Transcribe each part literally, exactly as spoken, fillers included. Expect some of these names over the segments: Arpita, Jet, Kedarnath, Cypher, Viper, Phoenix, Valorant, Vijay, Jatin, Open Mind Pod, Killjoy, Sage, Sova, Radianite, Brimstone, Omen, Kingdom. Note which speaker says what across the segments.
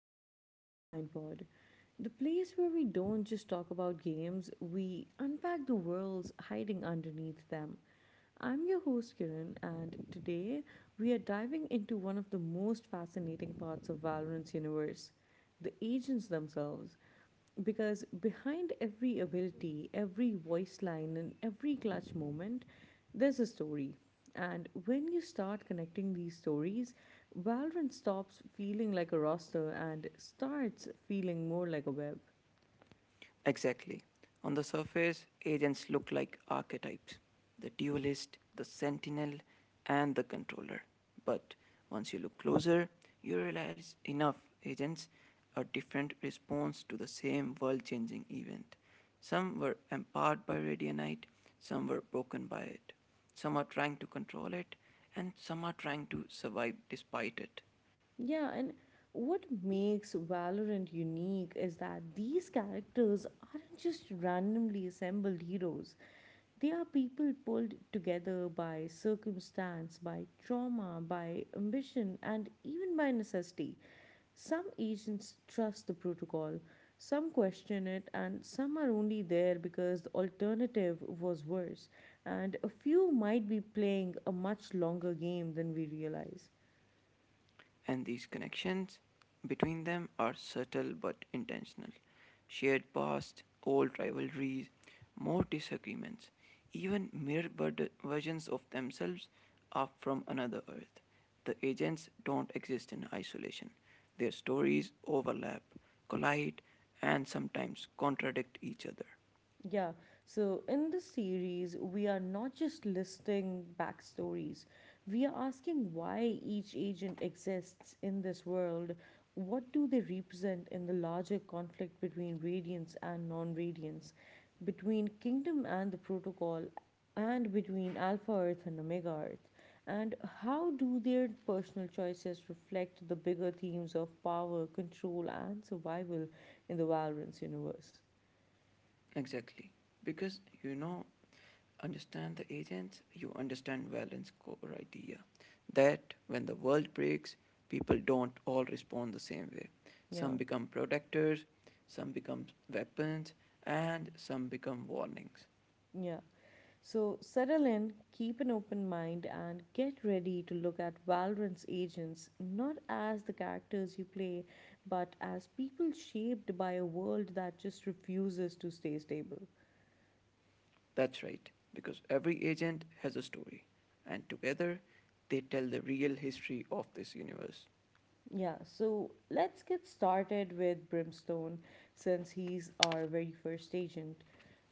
Speaker 1: to the Open Mind Pod, the place where we don't just talk about games, we unpack the worlds hiding underneath them. I'm your host Kiran, and today we are diving into one of the most fascinating parts of Valorant's universe the agents themselves. Because behind every ability, every voice line, and every clutch moment, there's a story. And when you start connecting these stories, Valorant stops feeling like a roster and starts feeling more like a web.
Speaker 2: Exactly. On the surface, agents look like archetypes, the dualist, the sentinel, and the controller. But once you look closer, you realize enough agents are different response to the same world changing event. Some were empowered by radianite, some were broken by it. Some are trying to control it, and some are trying to survive despite it.
Speaker 1: Yeah, and what makes Valorant unique is that these characters aren't just randomly assembled heroes. They are people pulled together by circumstance, by trauma, by ambition, and even by necessity. Some agents trust the protocol, some question it, and some are only there because the alternative was worse. And a few might be playing a much longer game than we realize.
Speaker 2: And these connections between them are subtle but intentional. Shared past, old rivalries, more disagreements, even mere versions of themselves are from another earth. The agents don't exist in isolation. Their stories overlap, collide, and sometimes contradict each other.
Speaker 1: Yeah, so in this series, we are not just listing backstories, we are asking why each agent exists in this world. What do they represent in the larger conflict between radiance and non radiance, between kingdom and the protocol, and between Alpha Earth and Omega Earth? And how do their personal choices reflect the bigger themes of power, control, and survival in the Valorance universe?
Speaker 2: Exactly. Because you know, understand the agents, you understand Valens' core idea that when the world breaks, people don't all respond the same way.
Speaker 1: Yeah.
Speaker 2: Some become protectors, some become weapons, and some become warnings.
Speaker 1: Yeah. So settle in, keep an open mind, and get ready to look at Valorant's agents not as the characters you play, but as people shaped by a world that just refuses to stay stable.
Speaker 2: That's right, because every agent has a story, and together they tell the real history of this universe.
Speaker 1: Yeah, so let's get started with Brimstone since he's our very first agent.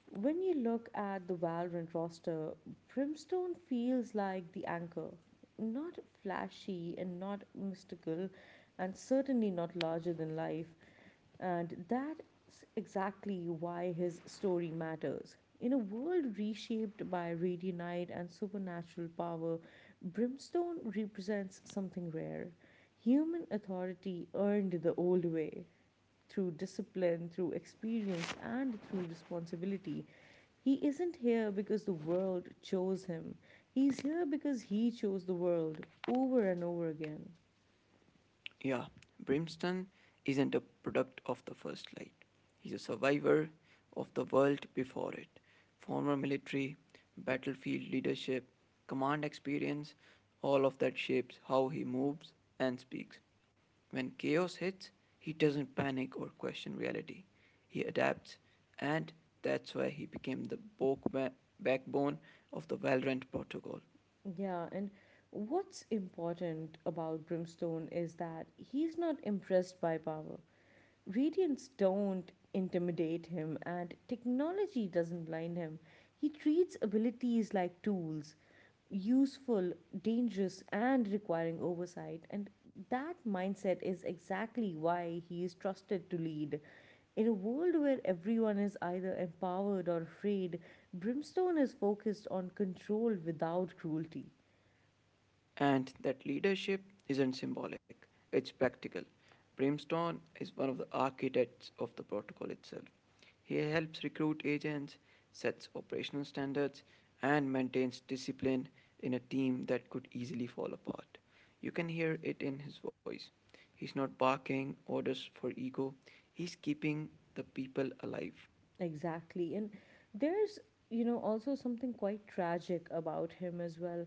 Speaker 1: When you look at the Valorant roster, Brimstone feels like the anchor. Not flashy and not mystical, and certainly not larger than life. And that's exactly why his story matters. In a world reshaped by rainy night and supernatural power, brimstone represents something rare. Human authority earned the old way. Through discipline, through experience, and through responsibility. He isn't here because the world chose him. He's here because he chose the world over and over again.
Speaker 2: Yeah, Brimstone isn't a product of the first light. He's a survivor of the world before it. Former military, battlefield leadership, command experience, all of that shapes how he moves and speaks. When chaos hits, he doesn't panic or question reality. He adapts, and that's why he became the backbone of the Valorant protocol.
Speaker 1: Yeah, and what's important about Brimstone is that he's not impressed by power. Radiants don't intimidate him, and technology doesn't blind him. He treats abilities like tools, useful, dangerous, and requiring oversight. And that mindset is exactly why he is trusted to lead. In a world where everyone is either empowered or afraid, Brimstone is focused on control without cruelty.
Speaker 2: And that leadership isn't symbolic, it's practical. Brimstone is one of the architects of the protocol itself. He helps recruit agents, sets operational standards, and maintains discipline in a team that could easily fall apart. You can hear it in his voice. He's not barking orders for ego, he's keeping the people alive.
Speaker 1: Exactly. And there's, you know, also something quite tragic about him as well.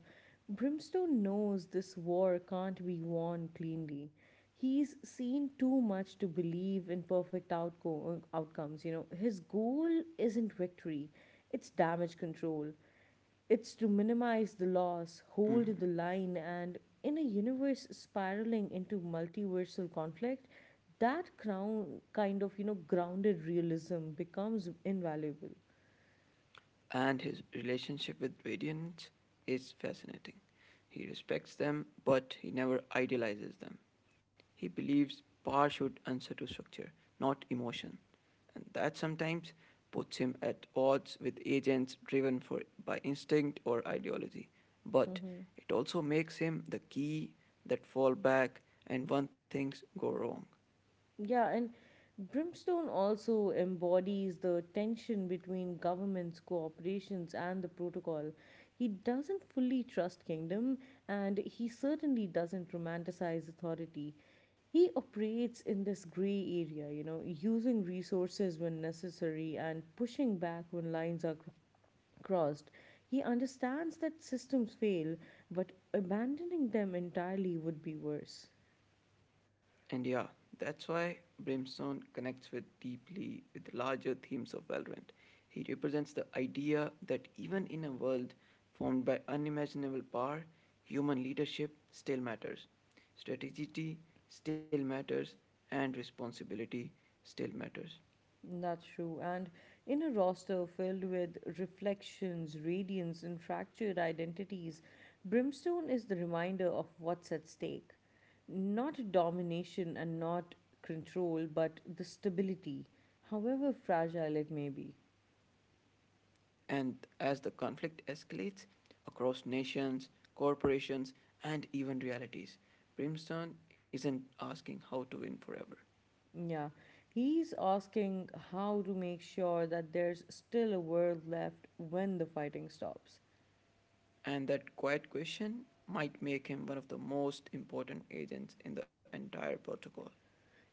Speaker 1: Brimstone knows this war can't be won cleanly. He's seen too much to believe in perfect outco- outcomes. You know, his goal isn't victory, it's damage control. It's to minimize the loss, hold the
Speaker 2: Mhm.
Speaker 1: line, and in a universe spiraling into multiversal conflict, that crown kind of you know grounded realism becomes invaluable.
Speaker 2: And his relationship with variants is fascinating. He respects them, but he never idealizes them. He believes power should answer to structure, not emotion. And that sometimes puts him at odds with agents driven for, by instinct or ideology. But
Speaker 1: Mm-hmm.
Speaker 2: it also makes him the key that fall back and when things go wrong.
Speaker 1: Yeah, and Brimstone also embodies the tension between governments, corporations, and the protocol. He doesn't fully trust kingdom, and he certainly doesn't romanticize authority. He operates in this gray area, you know, using resources when necessary and pushing back when lines are cr- crossed. He understands that systems fail, but abandoning them entirely would be worse.
Speaker 2: And yeah, that's why Brimstone connects with deeply with larger themes of Valorant. He represents the idea that even in a world formed by unimaginable power, human leadership still matters. Strategy still matters and responsibility still matters.
Speaker 1: That's true. And in a roster filled with reflections, radiance, and fractured identities, brimstone is the reminder of what's at stake. Not domination and not control, but the stability, however fragile it may be.
Speaker 2: And as the conflict escalates across nations, corporations, and even realities, Brimstone isn't asking how to win forever.
Speaker 1: Yeah, he's asking how to make sure that there's still a world left when the fighting stops.
Speaker 2: And that quiet question might make him one of the most important agents in the entire protocol.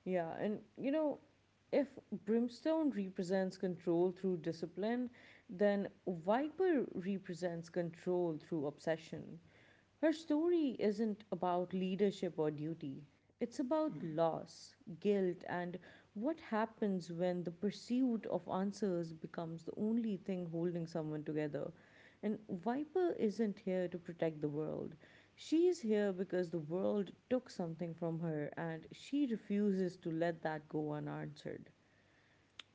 Speaker 1: Yeah, and you know, if brimstone represents control through discipline, then Viper represents control through obsession. Her story isn't about leadership or duty, it's
Speaker 2: Mm.
Speaker 1: about loss, guilt, and what happens when the pursuit of answers becomes the only thing holding someone together. And Viper isn't here to protect the world. She's here because the world took something from her and she refuses to let that go unanswered.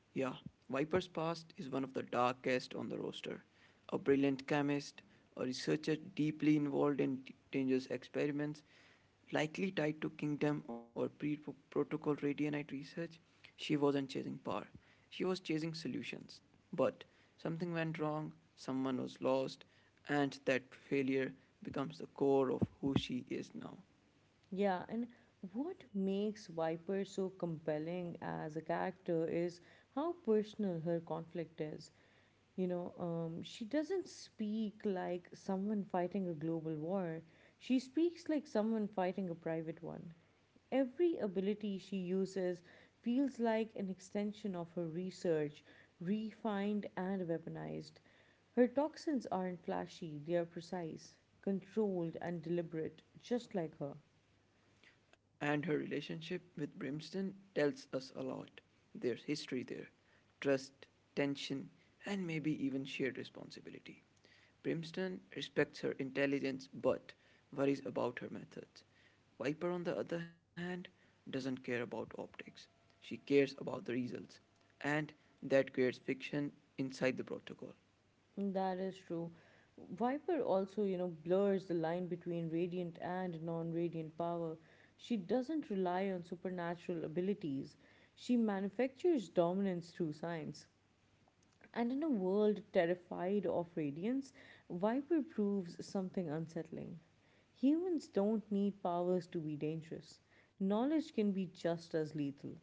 Speaker 2: Yeah, Viper's past is one of the darkest on the roster. A brilliant chemist, a researcher deeply involved in dangerous experiments, likely tied to Kingdom or pre protocol radionite research, she wasn't chasing power. She was chasing solutions. But something went wrong, someone was lost, and that failure becomes the core of who she is now.
Speaker 1: Yeah, and what makes Viper so compelling as a character is how personal her conflict is. You know, um, she doesn't speak like someone fighting a global war, she speaks like someone fighting a private one. Every ability she uses feels like an extension of her research, refined and weaponized. Her toxins aren't flashy, they are precise, controlled, and deliberate, just like her.
Speaker 2: And her relationship with Brimstone tells us a lot. There's history there, trust, tension, and maybe even shared responsibility. Brimstone respects her intelligence but worries about her methods. Viper, on the other hand, doesn't care about optics. She cares about the results, and that creates fiction inside the protocol.
Speaker 1: That is true. Viper also, you know, blurs the line between radiant and non radiant power. She doesn't rely on supernatural abilities, she manufactures dominance through science. And in a world terrified of radiance, Viper proves something unsettling. Humans don't need powers to be dangerous, knowledge can be just as lethal.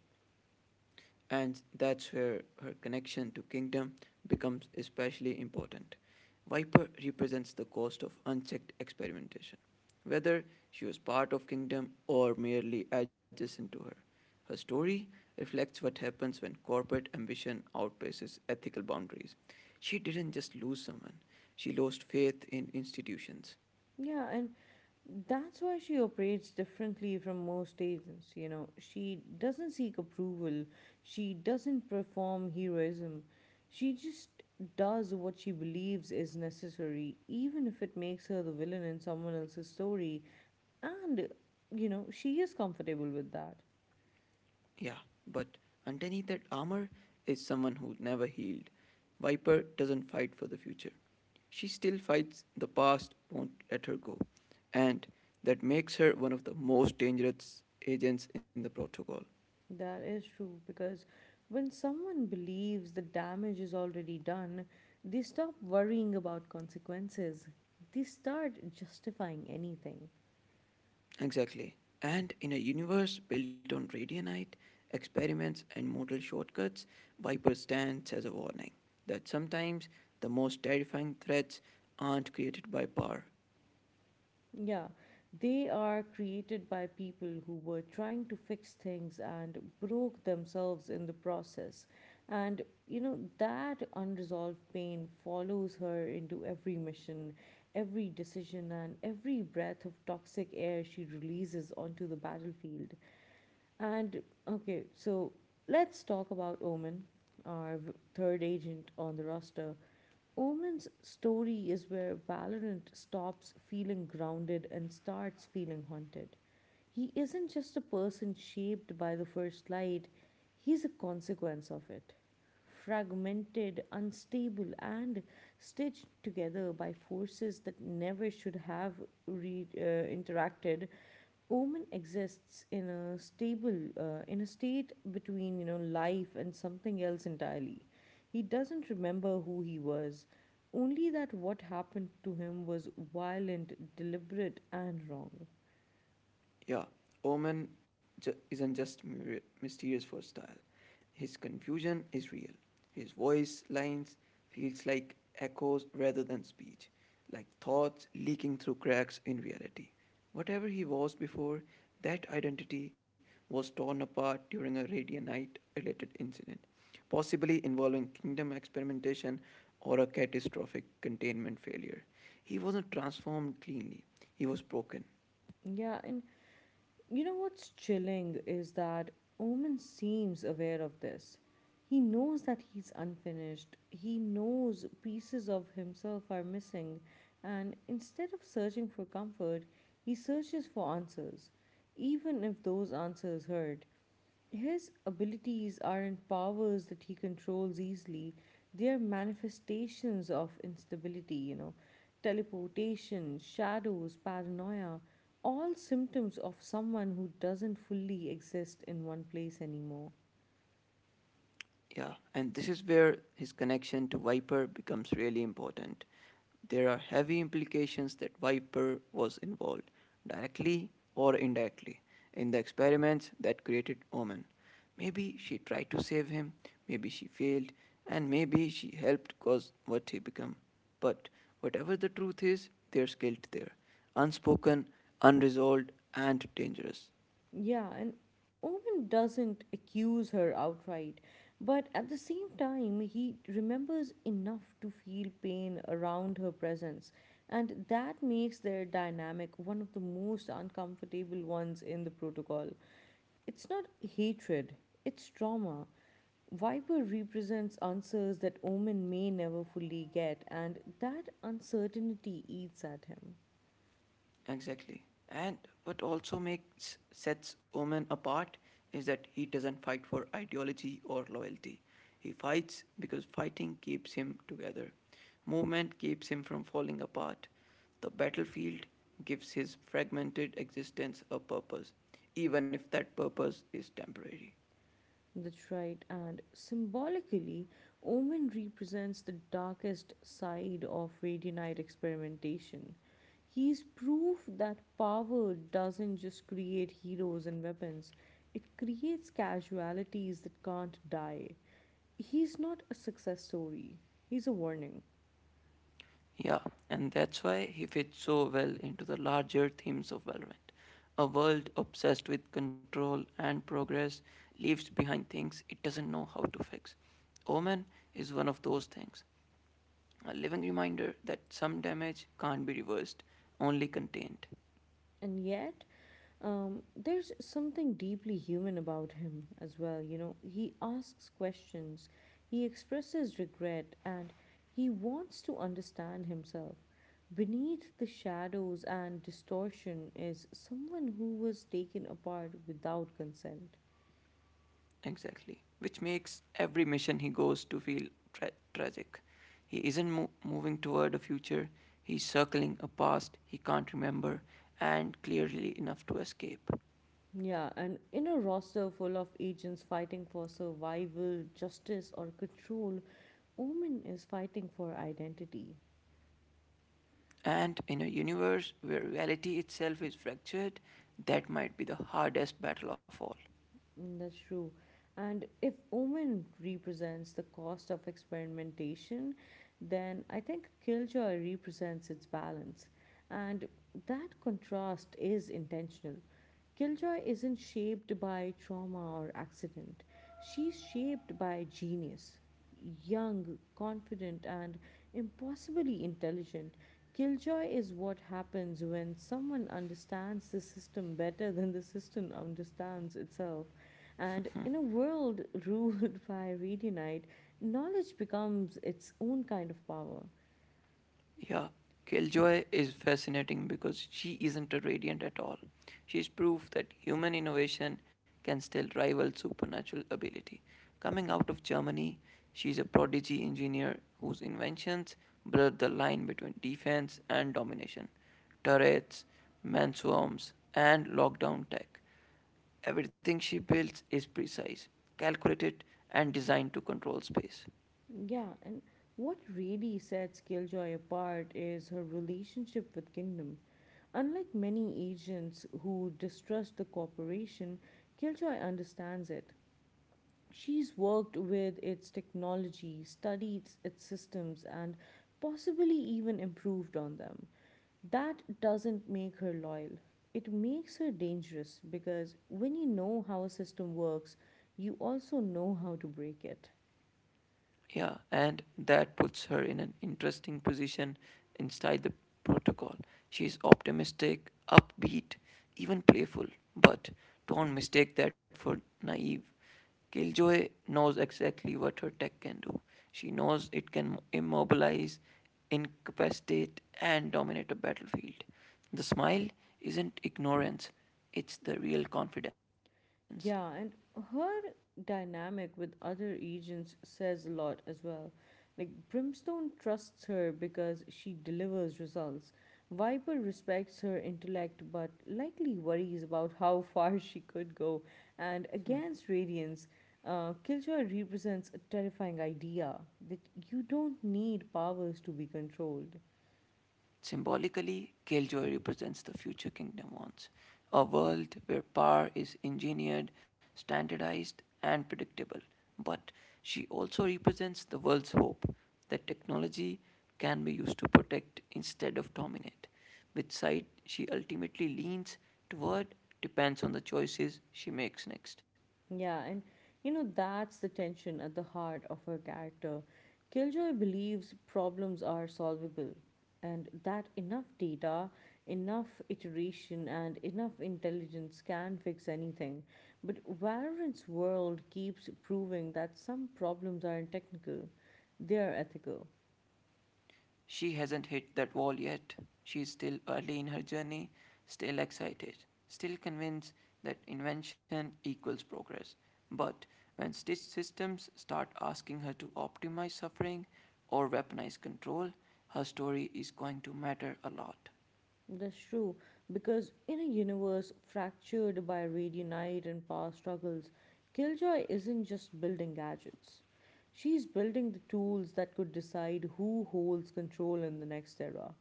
Speaker 2: And that's where her connection to kingdom becomes especially important. Viper represents the cost of unchecked experimentation, whether she was part of kingdom or merely adjacent to her. Her story reflects what happens when corporate ambition outpaces ethical boundaries. She didn't just lose someone, she lost faith in institutions.
Speaker 1: Yeah, and that's why she operates differently from most agents. You know, she doesn't seek approval, she doesn't perform heroism, she just does what she believes is necessary, even if it makes her the villain in someone else's story. And, you know, she is comfortable with that.
Speaker 2: Yeah, but underneath that armor is someone who never healed. Viper doesn't fight for the future. She still fights the past, won't let her go, and that makes her one of the most dangerous agents in the protocol.
Speaker 1: That is true because when someone believes the damage is already done, they stop worrying about consequences. They start justifying anything.
Speaker 2: Exactly. And in a universe built on radionite, experiments, and mortal shortcuts, Viper stands as a warning that sometimes the most terrifying threats aren't created by power.
Speaker 1: Yeah, they are created by people who were trying to fix things and broke themselves in the process. And you know, that unresolved pain follows her into every mission, every decision, and every breath of toxic air she releases onto the battlefield. And okay, so let's talk about Omen, our v- third agent on the roster. Omen's story is where Valorant stops feeling grounded and starts feeling haunted. He isn't just a person shaped by the first light, he's a consequence of it fragmented, unstable, and stitched together by forces that never should have re- uh, interacted. Omen exists in a stable, uh, in a state between you know life and something else entirely. He doesn't remember who he was, only that what happened to him was violent, deliberate, and wrong.
Speaker 2: Yeah, Omen ju- isn't just mysterious for style. His confusion is real. His voice lines feels like echoes rather than speech, like thoughts leaking through cracks in reality. Whatever he was before, that identity was torn apart during a Radianite related incident, possibly involving kingdom experimentation or a catastrophic containment failure. He wasn't transformed cleanly, he was broken.
Speaker 1: Yeah, and you know what's chilling is that Omen seems aware of this. He knows that he's unfinished. He knows pieces of himself are missing, and instead of searching for comfort, he searches for answers, even if those answers hurt. His abilities aren't powers that he controls easily, they are manifestations of instability, you know. Teleportation, shadows, paranoia, all symptoms of someone who doesn't fully exist in one place anymore.
Speaker 2: Yeah, and this is where his connection to Viper becomes really important. There are heavy implications that Viper was involved, directly or indirectly, in the experiments that created Omen. Maybe she tried to save him, maybe she failed, and maybe she helped cause what he became. But whatever the truth is, there's guilt there, unspoken, unresolved, and dangerous.
Speaker 1: Yeah, and Owen doesn't accuse her outright, but at the same time, he remembers enough to feel pain around her presence, and that makes their dynamic one of the most uncomfortable ones in the protocol. It's not hatred, it's trauma. Viper represents answers that Omen may never fully get, and that uncertainty eats at him.
Speaker 2: Exactly. And what also makes sets Omen apart is that he doesn't fight for ideology or loyalty. He fights because fighting keeps him together. Movement keeps him from falling apart. The battlefield gives his fragmented existence a purpose, even if that purpose is temporary.
Speaker 1: That's right, and symbolically, Omen represents the darkest side of radionite experimentation. He's proof that power doesn't just create heroes and weapons, it creates casualties that can't die. He's not a success story, he's a warning.
Speaker 2: Yeah, and that's why he fits so well into the larger themes of Valorant. A world obsessed with control and progress leaves behind things it doesn't know how to fix. Omen is one of those things, a living reminder that some damage can't be reversed, only contained.
Speaker 1: And yet um, there's something deeply human about him as well. You know, he asks questions, he expresses regret, and he wants to understand himself. Beneath the shadows and distortion is someone who was taken apart without consent.
Speaker 2: Exactly. Which makes every mission he goes to feel tra- tragic. He isn't mo- moving toward a future, he's circling a past he can't remember and clearly enough to escape.
Speaker 1: Yeah, and in a roster full of agents fighting for survival, justice, or control, Omen is fighting for identity.
Speaker 2: And in a universe where reality itself is fractured, that might be the hardest battle of all.
Speaker 1: Mm, that's true. And if Omen represents the cost of experimentation, then I think Killjoy represents its balance. And that contrast is intentional. Killjoy isn't shaped by trauma or accident, she's shaped by genius young, confident, and impossibly intelligent. Killjoy is what happens when someone understands the system better than the system understands itself. And in a world ruled by radionite, knowledge becomes its own kind of power.
Speaker 2: Yeah, Killjoy is fascinating because she isn't a radiant at all. She's proof that human innovation can still rival supernatural ability. Coming out of Germany, she's a prodigy engineer whose inventions blurred the line between defense and domination. Turrets, mansworms, and lockdown tech. Everything she builds is precise, calculated, and designed to control space.
Speaker 1: Yeah, and what really sets Killjoy apart is her relationship with Kingdom. Unlike many agents who distrust the corporation, Killjoy understands it. She's worked with its technology, studied its systems, and possibly even improved on them. That doesn't make her loyal. It makes her dangerous because when you know how a system works, you also know how to break it.
Speaker 2: Yeah, and that puts her in an interesting position inside the protocol. She's optimistic, upbeat, even playful, but don't mistake that for naive. Killjoy knows exactly what her tech can do. She knows it can immobilize, incapacitate, and dominate a battlefield. The smile isn't ignorance, it's the real confidence.
Speaker 1: Yeah, and her dynamic with other agents says a lot as well. Like, Brimstone trusts her because she delivers results. Viper respects her intellect but likely worries about how far she could go. And against Radiance, uh, Killjoy represents a terrifying idea that you don't need powers to be controlled.
Speaker 2: Symbolically, Killjoy represents the future kingdom wants, a world where power is engineered, standardized, and predictable. But she also represents the world's hope that technology can be used to protect instead of dominate. Which side she ultimately leans toward depends on the choices she makes next.
Speaker 1: Yeah, and you know, that's the tension at the heart of her character. Killjoy believes problems are solvable, and that enough data, enough iteration, and enough intelligence can fix anything. But Valorant's world keeps proving that some problems aren't technical, they are ethical.
Speaker 2: She hasn't hit that wall yet. She's still early in her journey, still excited, still convinced that invention equals progress. But when stitch systems start asking her to optimize suffering or weaponize control, her story is going to matter a lot.
Speaker 1: That's true, because in a universe fractured by radionite and power struggles, Killjoy isn't just building gadgets. She's building the tools that could decide who holds control in the next era.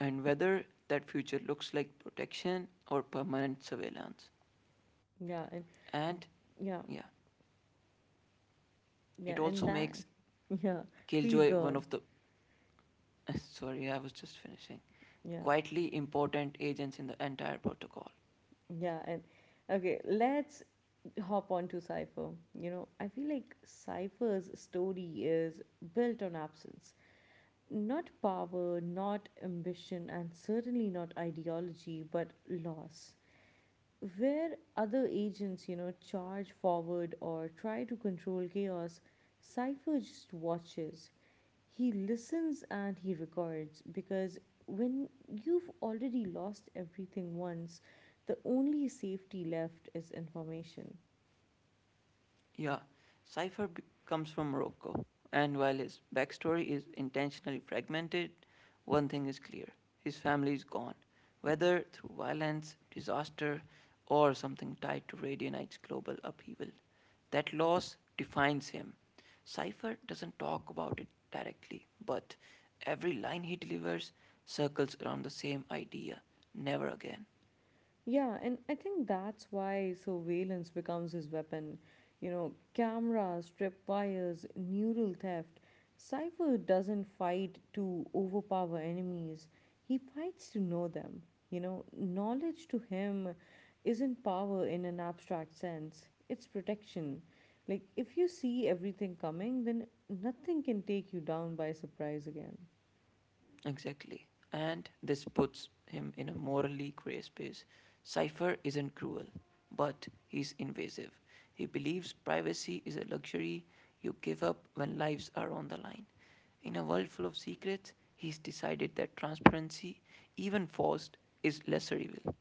Speaker 2: And whether that future looks like protection or permanent surveillance.
Speaker 1: Yeah, and
Speaker 2: And yeah,
Speaker 1: yeah,
Speaker 2: it
Speaker 1: yeah, and
Speaker 2: also
Speaker 1: that,
Speaker 2: makes
Speaker 1: yeah, please
Speaker 2: Killjoy
Speaker 1: go
Speaker 2: one
Speaker 1: on.
Speaker 2: of the. Sorry, I was just finishing.
Speaker 1: Yeah,
Speaker 2: Quietly important agents in the entire protocol.
Speaker 1: yeah, and okay, let's hop on to Cypher. You know, I feel like Cypher's story is built on absence. Not power, not ambition, and certainly not ideology, but loss. Where other agents, you know, charge forward or try to control chaos, Cypher just watches. He listens and he records because when you've already lost everything once, the only safety left is information.
Speaker 2: Yeah, Cypher be- comes from Morocco, and while his backstory is intentionally fragmented, one thing is clear, his family is gone, whether through violence, disaster, or something tied to Radianite's global upheaval. That loss defines him. Cypher doesn't talk about it directly, but every line he delivers circles around the same idea, never again.
Speaker 1: Yeah, and I think that's why surveillance becomes his weapon. You know, cameras, tripwires, neural theft. Cypher doesn't fight to overpower enemies, he fights to know them. You know, knowledge to him isn't power in an abstract sense, it's protection. Like, if you see everything coming, then nothing can take you down by surprise again.
Speaker 2: Exactly. And this puts him in a morally gray space. Cypher isn't cruel, but he's invasive. He believes privacy is a luxury you give up when lives are on the line. In a world full of secrets, he's decided that transparency, even forced, is lesser evil.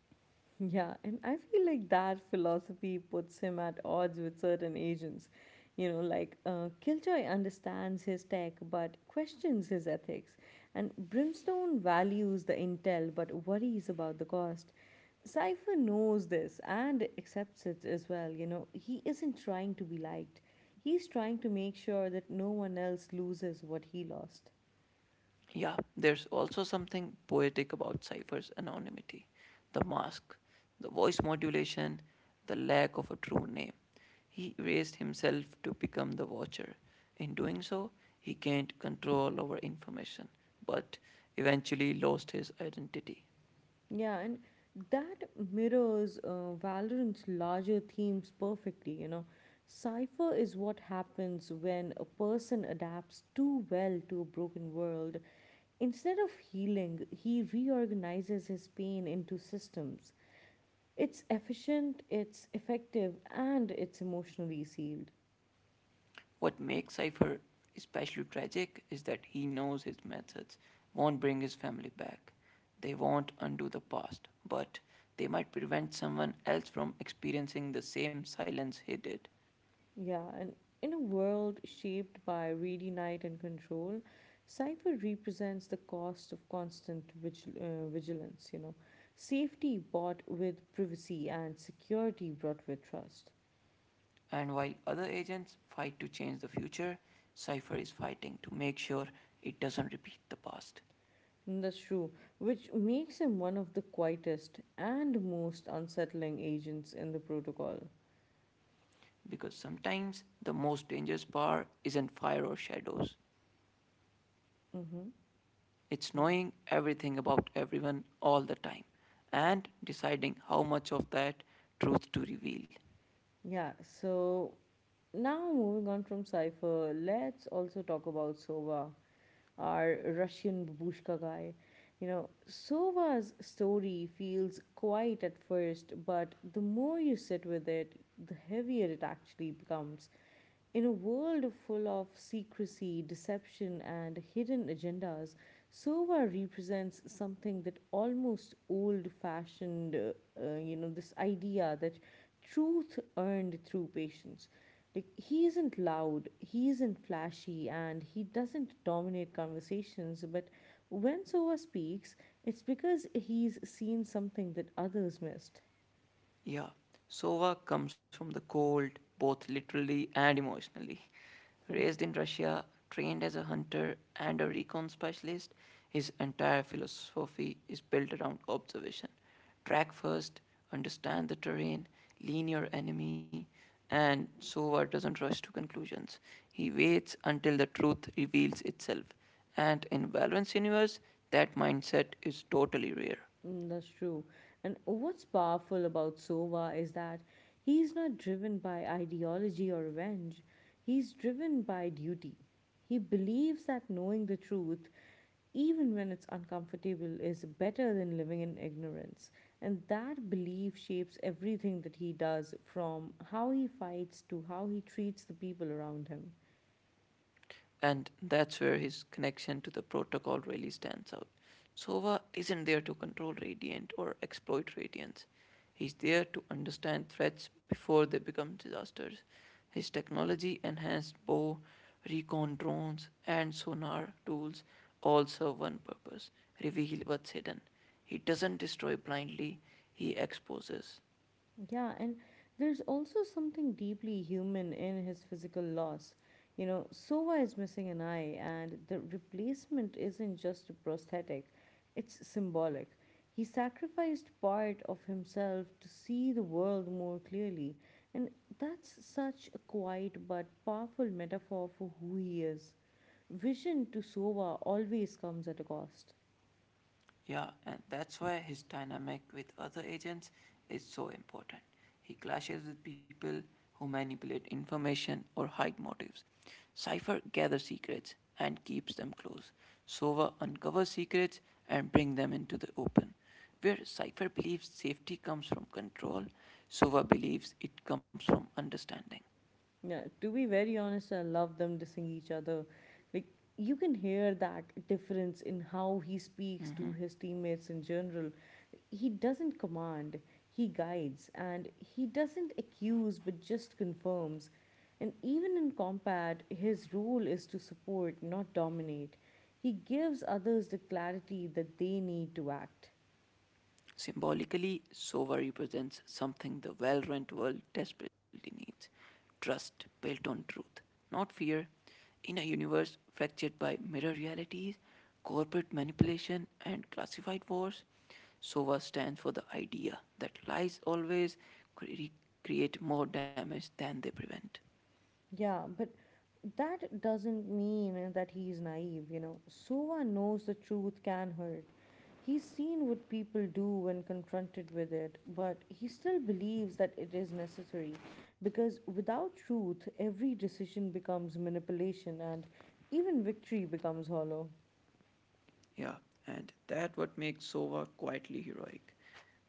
Speaker 1: Yeah, and I feel like that philosophy puts him at odds with certain agents. You know, like uh, Killjoy understands his tech but questions his ethics, and Brimstone values the intel but worries about the cost. Cypher knows this and accepts it as well. You know, he isn't trying to be liked, he's trying to make sure that no one else loses what he lost.
Speaker 2: Yeah, there's also something poetic about Cypher's anonymity, the mask, the voice modulation, the lack of a true name. He raised himself to become the watcher. In doing so, he gained control over information, but eventually lost his identity.
Speaker 1: Yeah, and that mirrors uh, Valorant's larger themes perfectly, you know. Cypher is what happens when a person adapts too well to a broken world. Instead of healing, he reorganizes his pain into systems. It's efficient, it's effective, and it's emotionally sealed.
Speaker 2: What makes Cypher especially tragic is that he knows his methods won't bring his family back. They won't undo the past, but they might prevent someone else from experiencing the same silence he did.
Speaker 1: Yeah, and in a world shaped by ready night and control, Cypher represents the cost of constant vigil- uh, vigilance, you know. Safety bought with privacy and security brought with trust.
Speaker 2: And while other agents fight to change the future, Cypher is fighting to make sure it doesn't repeat the past.
Speaker 1: Mm, that's true, which makes him one of the quietest and most unsettling agents in the protocol.
Speaker 2: Because sometimes the most dangerous bar isn't fire or shadows.
Speaker 1: Mm-hmm.
Speaker 2: It's knowing everything about everyone all the time and deciding how much of that truth to reveal.
Speaker 1: Yeah, so now moving on from Cypher, let's also talk about Sova, our Russian babushka guy. You know, Sova's story feels quiet at first, but the more you sit with it, the heavier it actually becomes. In a world full of secrecy, deception, and hidden agendas, Sova represents something that almost old fashioned, uh, uh, you know, this idea that truth earned through patience. Like he isn't loud, he isn't flashy, and he doesn't dominate conversations. But when Sova speaks, it's because he's seen something that others missed.
Speaker 2: Yeah, Sova comes from the cold, both literally and emotionally. Raised in Russia, trained as a hunter and a recon specialist, his entire philosophy is built around observation. Track first, understand the terrain, lean your enemy, and Sova doesn't rush to conclusions. He waits until the truth reveals itself. And in Valorant's universe, that mindset is totally rare.
Speaker 1: Mm, that's true. And what's powerful about Sova is that he's not driven by ideology or revenge, he's driven by duty. He believes that knowing the truth, even when it's uncomfortable, is better than living in ignorance. And that belief shapes everything that he does from how he fights to how he treats the people around him.
Speaker 2: And that's where his connection to the protocol really stands out. Sova isn't there to control Radiant or exploit Radiance. He's there to understand threats before they become disasters. His technology enhanced bow, recon drones, and sonar tools all serve one purpose, reveal what's hidden. He doesn't destroy blindly, he exposes.
Speaker 1: Yeah, and there's also something deeply human in his physical loss. You know, Sova is missing an eye, and the replacement isn't just a prosthetic, it's symbolic. He sacrificed part of himself to see the world more clearly, and that's such a quiet but powerful metaphor for who he is. Vision to Sova always comes at a cost.
Speaker 2: Yeah, and that's why his dynamic with other agents is so important. He clashes with people who manipulate information or hide motives. Cypher gathers secrets and keeps them close. Sova uncovers secrets and brings them into the open. Where Cypher believes safety comes from control, Sova believes it comes from understanding.
Speaker 1: Yeah, to be very honest, I love them dissing each other. Like, you can hear that difference in how he speaks to his teammates in general. He doesn't command, he guides, and he doesn't accuse but just confirms. And even in combat, his role is to support, not dominate. He gives others the clarity that they need to act.
Speaker 2: Symbolically, Sova represents something the Valorant world desperately needs, trust built on truth, not fear. In a universe fractured by mirror realities, corporate manipulation, and classified wars, SOVA stands for the idea that lies always cre- create more damage than they prevent.
Speaker 1: Yeah, but that doesn't mean uh, that he's naive, you know. Sova knows the truth can hurt. He's seen what people do when confronted with it, but he still believes that it is necessary because without truth, every decision becomes manipulation and even victory becomes hollow.
Speaker 2: Yeah, and that what makes SOVA quietly heroic.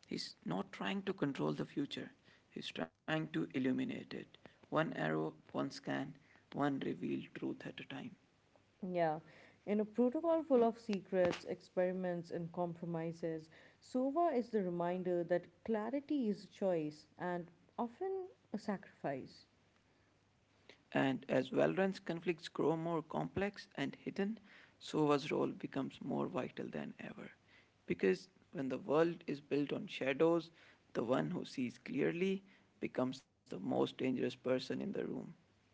Speaker 2: He's not trying to control the future, he's trying to illuminate it. One arrow, one scan, one revealed truth at a time.
Speaker 1: Yeah, in a protocol full of secrets, experiments, and compromises, SOVA is the reminder that clarity is a choice and often a sacrifice.
Speaker 2: And as Valorant's conflicts grow more complex and hidden, Sova's role becomes more vital than ever. Because when the world is built on shadows, the one who sees clearly becomes the most dangerous person in the room.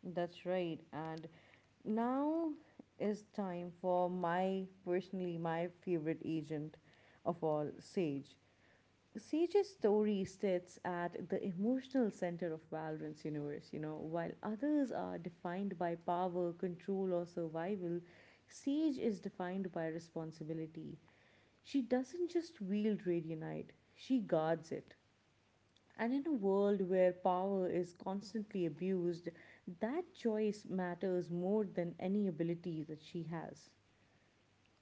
Speaker 1: That's right. And now is time for my personally my favorite agent of all, Sage. Sage's story sits at the emotional center of Valorant's universe, you know, while others are defined by power, control, or survival, Sage is defined by responsibility. She doesn't just wield Radianite, she guards it. And in a world where power is constantly abused, that choice matters more than any ability that she has.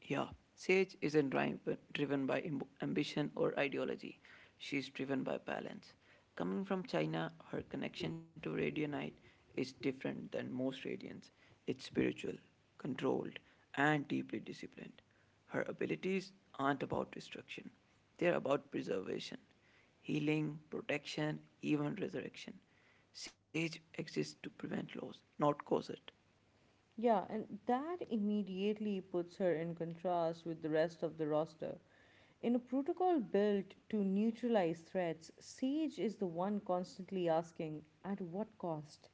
Speaker 2: Yeah, Sage isn't driv- driven by amb- ambition or ideology. She's driven by balance. Coming from China, her connection to radionite is different than most radians. It's spiritual, controlled, and deeply disciplined. Her abilities aren't about destruction, they're about preservation, healing, protection, even resurrection. Sage exists to prevent loss, not cause it.
Speaker 1: Yeah, and that immediately puts her in contrast with the rest of the roster. In a protocol built to neutralize threats, Sage is the one constantly asking, at what cost?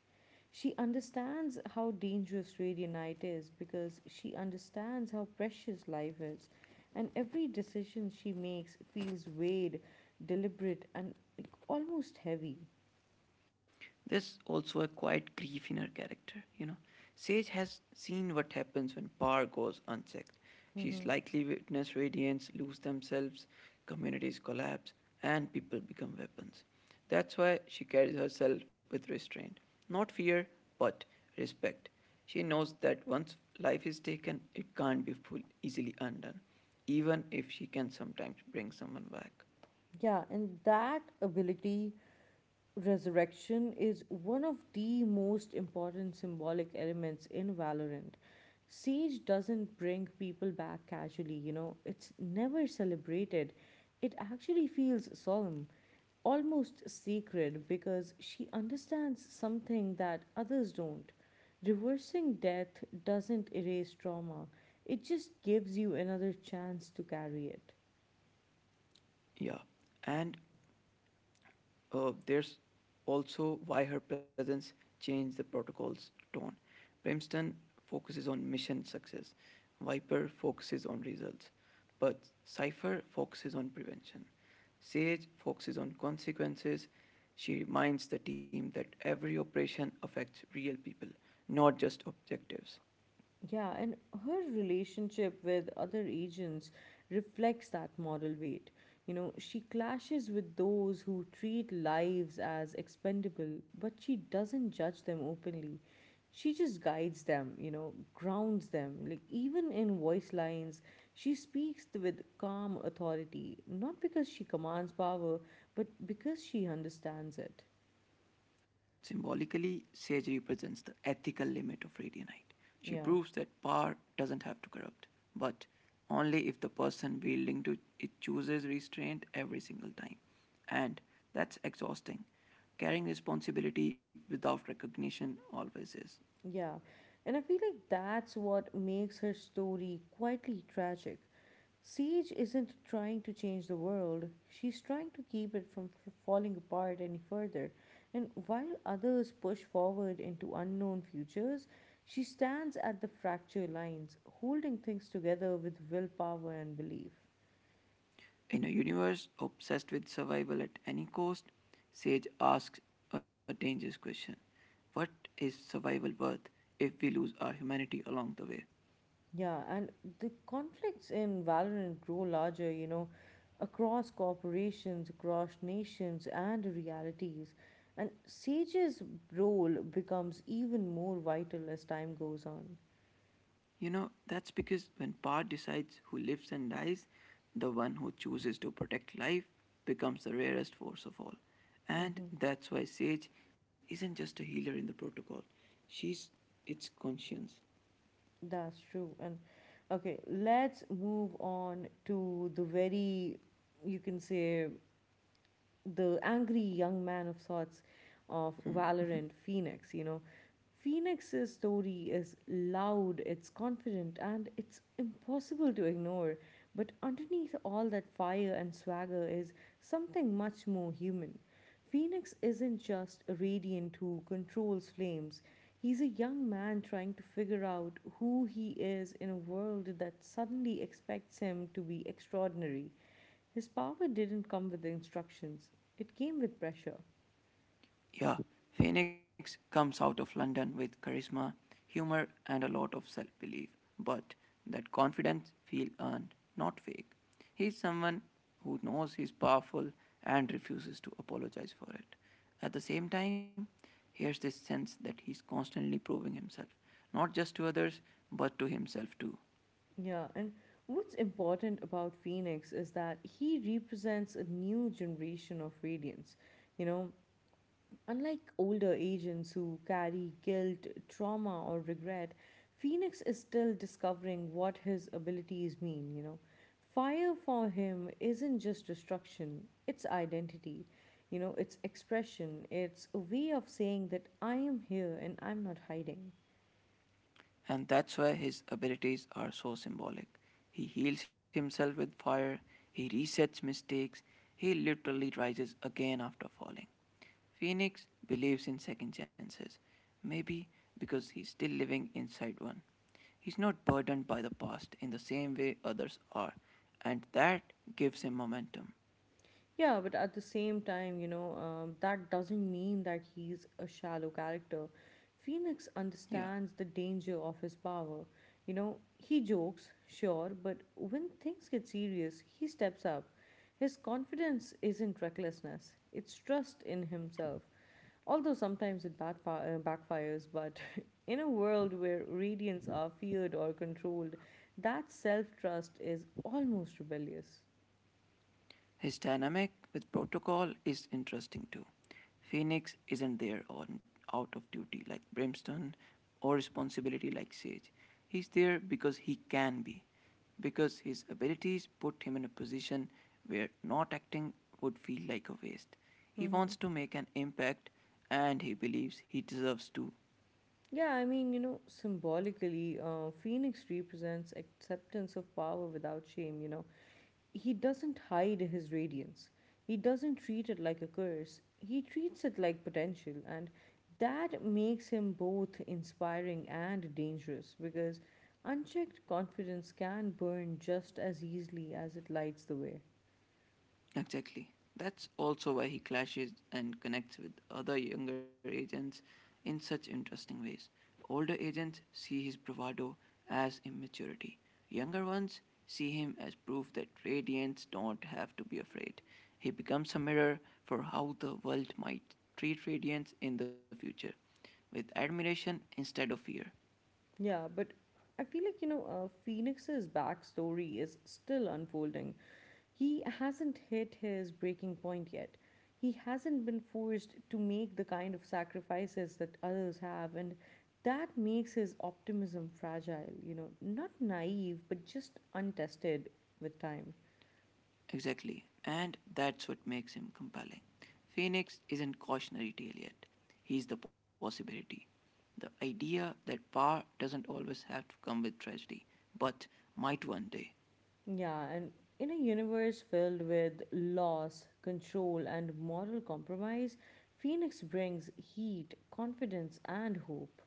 Speaker 1: She understands how dangerous Radianite is because she understands how precious life is, and every decision she makes feels weighed, deliberate, and like, almost heavy.
Speaker 2: There's also a quiet grief in her character, you know. Sage has seen what happens when power goes unchecked. She's likely witnessed radiants lose themselves, communities collapse, and people become weapons. That's why she carries herself with restraint. Not fear, but respect. She knows that once life is taken, it can't be full, easily undone, even if she can sometimes bring someone back.
Speaker 1: Yeah, and that ability resurrection is one of the most important symbolic elements in Valorant. Siege doesn't bring people back casually, you know, it's never celebrated. It actually feels solemn, almost sacred, because she understands something that others don't. Reversing death doesn't erase trauma, it just gives you another chance to carry it.
Speaker 2: Yeah. And uh, there's also why her presence changed the protocol's tone. Brimstone focuses on mission success, Viper focuses on results, but Cypher focuses on prevention. Sage focuses on consequences. She reminds the team that every operation affects real people, not just objectives.
Speaker 1: Yeah, and her relationship with other agents reflects that moral weight. You know, she clashes with those who treat lives as expendable, but she doesn't judge them openly. She just guides them, you know, grounds them. Like, even in voice lines, she speaks with calm authority, not because she commands power, but because she understands it.
Speaker 2: Symbolically, Sage represents the ethical limit of Radianite. She
Speaker 1: Yeah.
Speaker 2: proves that power doesn't have to corrupt, but only if the person wielding to it chooses restraint every single time. And that's exhausting. Carrying responsibility without recognition always is.
Speaker 1: Yeah, and I feel like that's what makes her story quietly tragic. Siege isn't trying to change the world, she's trying to keep it from f- falling apart any further. And while others push forward into unknown futures, she stands at the fracture lines, holding things together with willpower and belief.
Speaker 2: In a universe obsessed with survival at any cost, Sage asks a dangerous question. What is survival worth if we lose our humanity along the way?
Speaker 1: Yeah, and the conflicts in Valorant grow larger, you know, across corporations, across nations, and realities. And Sage's role becomes even more vital as time goes on.
Speaker 2: You know, that's because when power decides who lives and dies, the one who chooses to protect life becomes the rarest force of all. And
Speaker 1: Mm-hmm.
Speaker 2: that's why Sage isn't just a healer in the protocol. She's its conscience.
Speaker 1: That's true. And okay, let's move on to the very, you can say, the angry young man of sorts of Valorant Phoenix, you know. Phoenix's story is loud, it's confident, and it's impossible to ignore. But underneath all that fire and swagger is something much more human. Phoenix isn't just a radiant who controls flames. He's a young man trying to figure out who he is in a world that suddenly expects him to be extraordinary. His power didn't come with instructions. It came with pressure.
Speaker 2: Yeah, Phoenix comes out of London with charisma, humor, and a lot of self belief. But that confidence feels earned, not fake. He's someone who knows he's powerful and refuses to apologize for it. At the same time, here's this sense that he's constantly proving himself, not just to others, but to himself too.
Speaker 1: Yeah, and what's important about Phoenix is that he represents a new generation of radiance. You know, unlike older agents who carry guilt, trauma, or regret, Phoenix is still discovering what his abilities mean, you know. Fire for him isn't just destruction, it's identity, you know, it's expression, it's a way of saying that I am here and I'm not hiding.
Speaker 2: And that's why his abilities are so symbolic. He heals himself with fire, he resets mistakes, he literally rises again after falling. Phoenix believes in second chances, maybe because he's still living inside one. He's not burdened by the past in the same way others are, and that gives him momentum.
Speaker 1: Yeah, but at the same time, you know, um, that doesn't mean that he's a shallow character. Phoenix
Speaker 2: Yeah.
Speaker 1: understands the danger of his power. You know, he jokes, sure, but when things get serious, he steps up. His confidence isn't recklessness, it's trust in himself. Although sometimes it backfi- uh, backfires, but in a world where radiants are feared or controlled, that self trust is almost rebellious.
Speaker 2: His dynamic with Protocol is interesting too. Phoenix isn't there on out of duty like Brimstone or responsibility like Sage. He's there because he can be, because his abilities put him in a position where not acting would feel like a waste. He
Speaker 1: Mm-hmm.
Speaker 2: wants to make an impact and he believes he deserves to.
Speaker 1: Yeah, I mean, you know, symbolically, uh, Phoenix represents acceptance of power without shame, you know. He doesn't hide his radiance, he doesn't treat it like a curse, he treats it like potential, and that makes him both inspiring and dangerous because unchecked confidence can burn just as easily as it lights the way.
Speaker 2: Exactly. That's also why he clashes and connects with other younger agents in such interesting ways. Older agents see his bravado as immaturity. Younger ones see him as proof that radiants don't have to be afraid. He becomes a mirror for how the world might treat radiants in the future, with admiration instead of fear.
Speaker 1: Yeah, but I feel like, you know, uh, Phoenix's backstory is still unfolding. He hasn't hit his breaking point yet. He hasn't been forced to make the kind of sacrifices that others have, and that makes his optimism fragile, you know, not naive, but just untested with time.
Speaker 2: Exactly. And that's what makes him compelling. Phoenix isn't cautionary tale yet. He's the possibility. The idea that power doesn't always have to come with tragedy, but might one day.
Speaker 1: Yeah, and in a universe filled with loss, control, and moral compromise, Phoenix brings heat, confidence, and hope.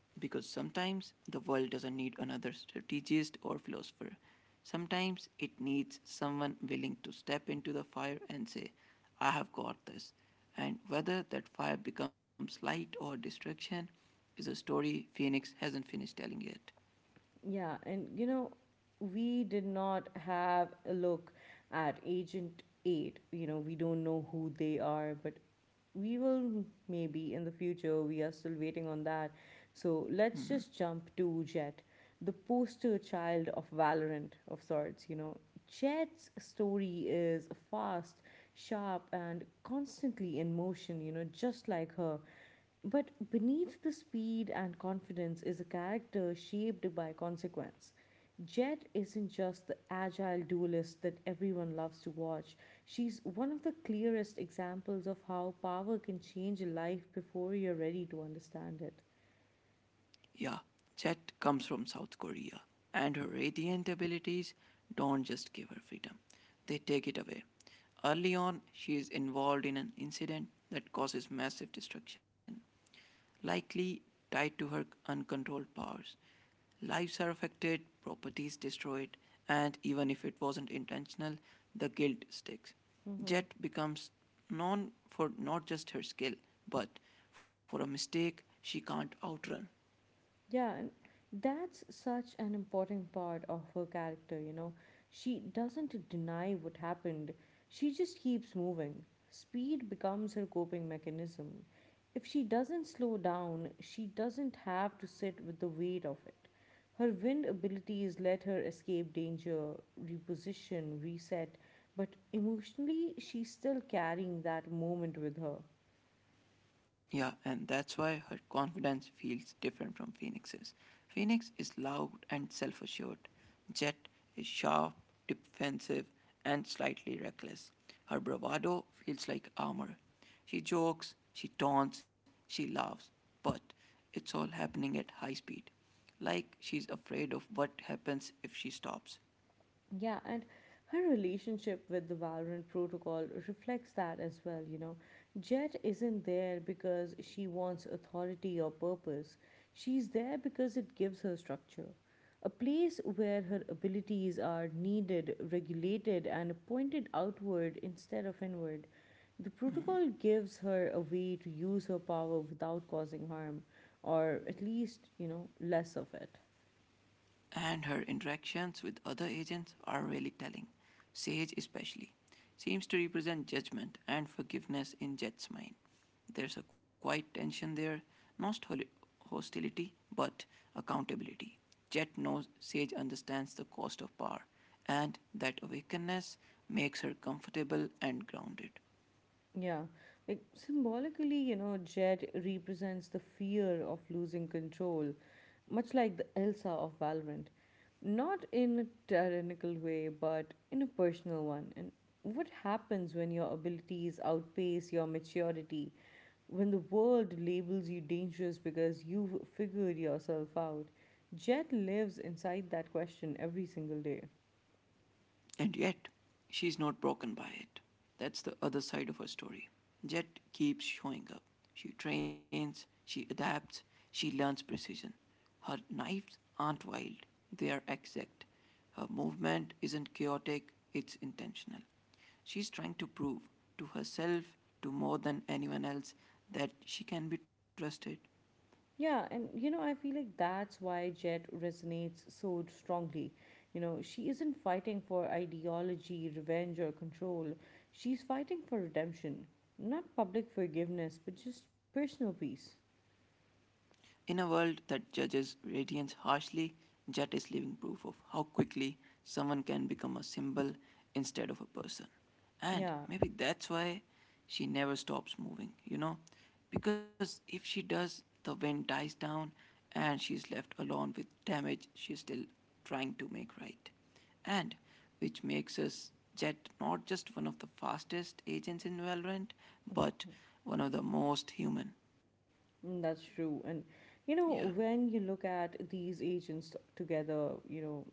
Speaker 2: Because sometimes the world doesn't need another strategist or philosopher. Sometimes it needs someone willing to step into the fire and say, I have got this. And whether that fire becomes light or destruction is a story Phoenix hasn't finished telling yet.
Speaker 1: Yeah, and you know, we did not have a look at Agent eight. You know, we don't know who they are, but we will maybe in the future. We are still waiting on that. So let's just jump to Jet, the poster child of Valorant of sorts, you know. Jet's story is fast, sharp, and constantly in motion, you know, just like her. But beneath the speed and confidence is a character shaped by consequence. Jet isn't just the agile duelist that everyone loves to watch. She's one of the clearest examples of how power can change a life before you're ready to understand it.
Speaker 2: Yeah, Jet comes from South Korea, and her radiant abilities don't just give her freedom, they take it away. Early on, she is involved in an incident that causes massive destruction, likely tied to her uncontrolled powers. Lives are affected, properties destroyed, and even if it wasn't intentional, the guilt sticks.
Speaker 1: Mm-hmm.
Speaker 2: Jet becomes known for not just her skill, but for a mistake she can't outrun.
Speaker 1: Yeah, and that's such an important part of her character, you know. She doesn't deny what happened, she just keeps moving. Speed becomes her coping mechanism. If she doesn't slow down, she doesn't have to sit with the weight of it. Her wind abilities let her escape danger, reposition, reset, but emotionally, she's still carrying that moment with her.
Speaker 2: Yeah, and that's why her confidence feels different from Phoenix's. Phoenix is loud and self assured. Jet is sharp, defensive, and slightly reckless. Her bravado feels like armor. She jokes, she taunts, she laughs, but it's all happening at high speed. Like she's afraid of what happens if she stops.
Speaker 1: Yeah, and her relationship with the Valorant protocol reflects that as well, you know. Jet isn't there because she wants authority or purpose. She's there because it gives her structure. A place where her abilities are needed, regulated, and pointed outward instead of inward. The protocol gives her a way to use her power without causing harm, or at least, you know, less of it.
Speaker 2: And her interactions with other agents are really telling. Sage, especially, seems to represent judgment and forgiveness in Jet's mind. There's a quiet tension there, not hostility, but accountability. Jet knows Sage understands the cost of power, and that awakeness makes her comfortable and grounded.
Speaker 1: Yeah, like symbolically, you know, Jet represents the fear of losing control, much like the Elsa of Valorant. Not in a tyrannical way, but in a personal one. And what happens when your abilities outpace your maturity? When the world labels you dangerous because you've figured yourself out? Jet lives inside that question every single day.
Speaker 2: And yet, she's not broken by it. That's the other side of her story. Jet keeps showing up. She trains, she adapts, she learns precision. Her knives aren't wild, they are exact. Her movement isn't chaotic, it's intentional. She's trying to prove to herself, to more than anyone else, that she can be trusted.
Speaker 1: Yeah, and you know, I feel like that's why Jet resonates so strongly. You know, she isn't fighting for ideology, revenge, or control. She's fighting for redemption. Not public forgiveness, but just personal peace.
Speaker 2: In a world that judges radiance harshly, Jet is living proof of how quickly someone can become a symbol instead of a person. And
Speaker 1: Yeah,
Speaker 2: maybe that's why she never stops moving, you know? Because if she does, the wind dies down and she's left alone with damage she's still trying to make right. And which makes us Jet not just one of the fastest agents in Valorant, but one of the most human.
Speaker 1: mm, that's true. And you
Speaker 2: Yeah.
Speaker 1: know, when you look at these agents together, you know,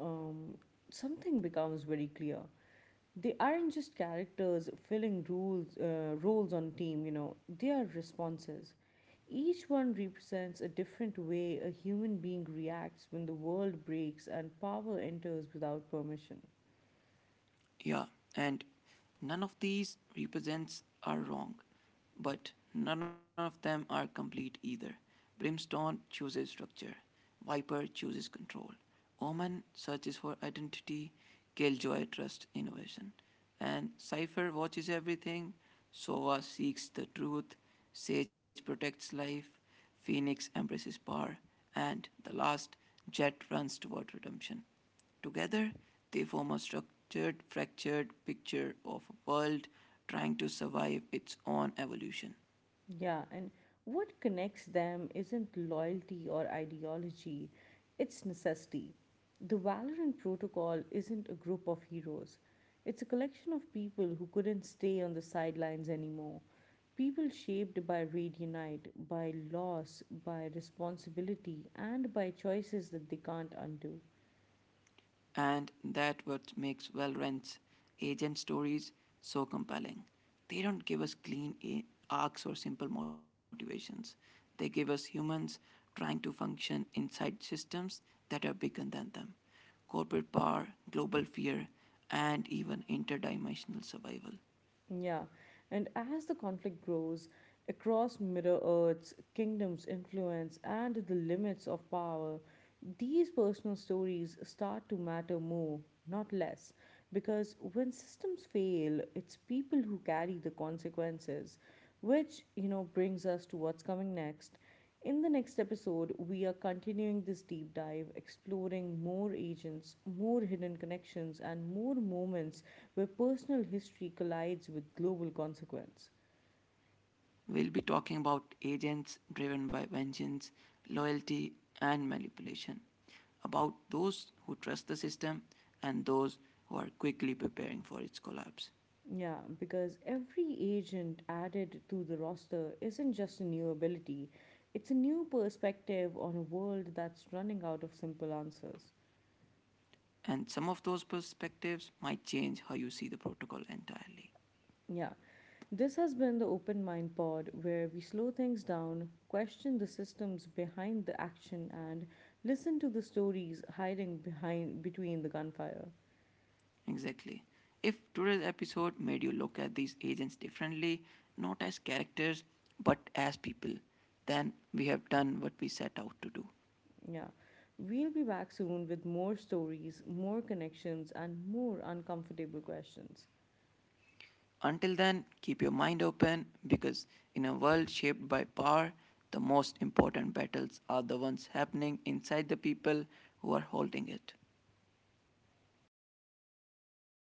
Speaker 1: um, something becomes very clear. They aren't just characters filling rules uh, roles on team, you know, they are responses. Each one represents a different way a human being reacts when the world breaks and power enters without permission.
Speaker 2: Yeah, and none of these represents are wrong, but none of them are complete either. Brimstone chooses structure, Viper chooses control, Omen searches for identity, Killjoy trusts innovation, and Cypher watches everything, Sova seeks the truth, Sage protects life, Phoenix embraces power, and the last, Jet runs toward redemption. Together, they form a structured, fractured picture of a world trying to survive its own evolution.
Speaker 1: Yeah, and what connects them isn't loyalty or ideology, it's necessity. The Valorant Protocol isn't a group of heroes, it's a collection of people who couldn't stay on the sidelines anymore. People shaped by Radionite, by loss, by responsibility, and by choices that they can't undo.
Speaker 2: And that's what makes Valorant's agent stories so compelling. They don't give us clean arcs or simple motivations. They give us humans trying to function inside systems that are bigger than them. Corporate power, global fear, and even interdimensional survival.
Speaker 1: Yeah, and as the conflict grows across Middle Earth's kingdoms' influence and the limits of power, these personal stories start to matter more, not less, because when systems fail, it's people who carry the consequences, which, you know, brings us to what's coming next. In the next episode, we are continuing this deep dive, exploring more agents, more hidden connections, and more moments where personal history collides with global consequence.
Speaker 2: We'll be talking about agents driven by vengeance, loyalty, and manipulation, about those who trust the system and those who are quickly preparing for its collapse.
Speaker 1: Yeah, because every agent added to the roster isn't just a new ability, it's a new perspective on a world that's running out of simple answers.
Speaker 2: And some of those perspectives might change how you see the protocol entirely.
Speaker 1: Yeah. This has been the Open Mind Pod, where we slow things down, question the systems behind the action, and listen to the stories hiding behind between the gunfire.
Speaker 2: Exactly. If today's episode made you look at these agents differently, not as characters, but as people, then we have done what we set out to do.
Speaker 1: Yeah. We'll be back soon with more stories, more connections, and more uncomfortable questions.
Speaker 2: Until then, keep your mind open because in a world shaped by power, the most important battles are the ones happening inside the people who are holding it.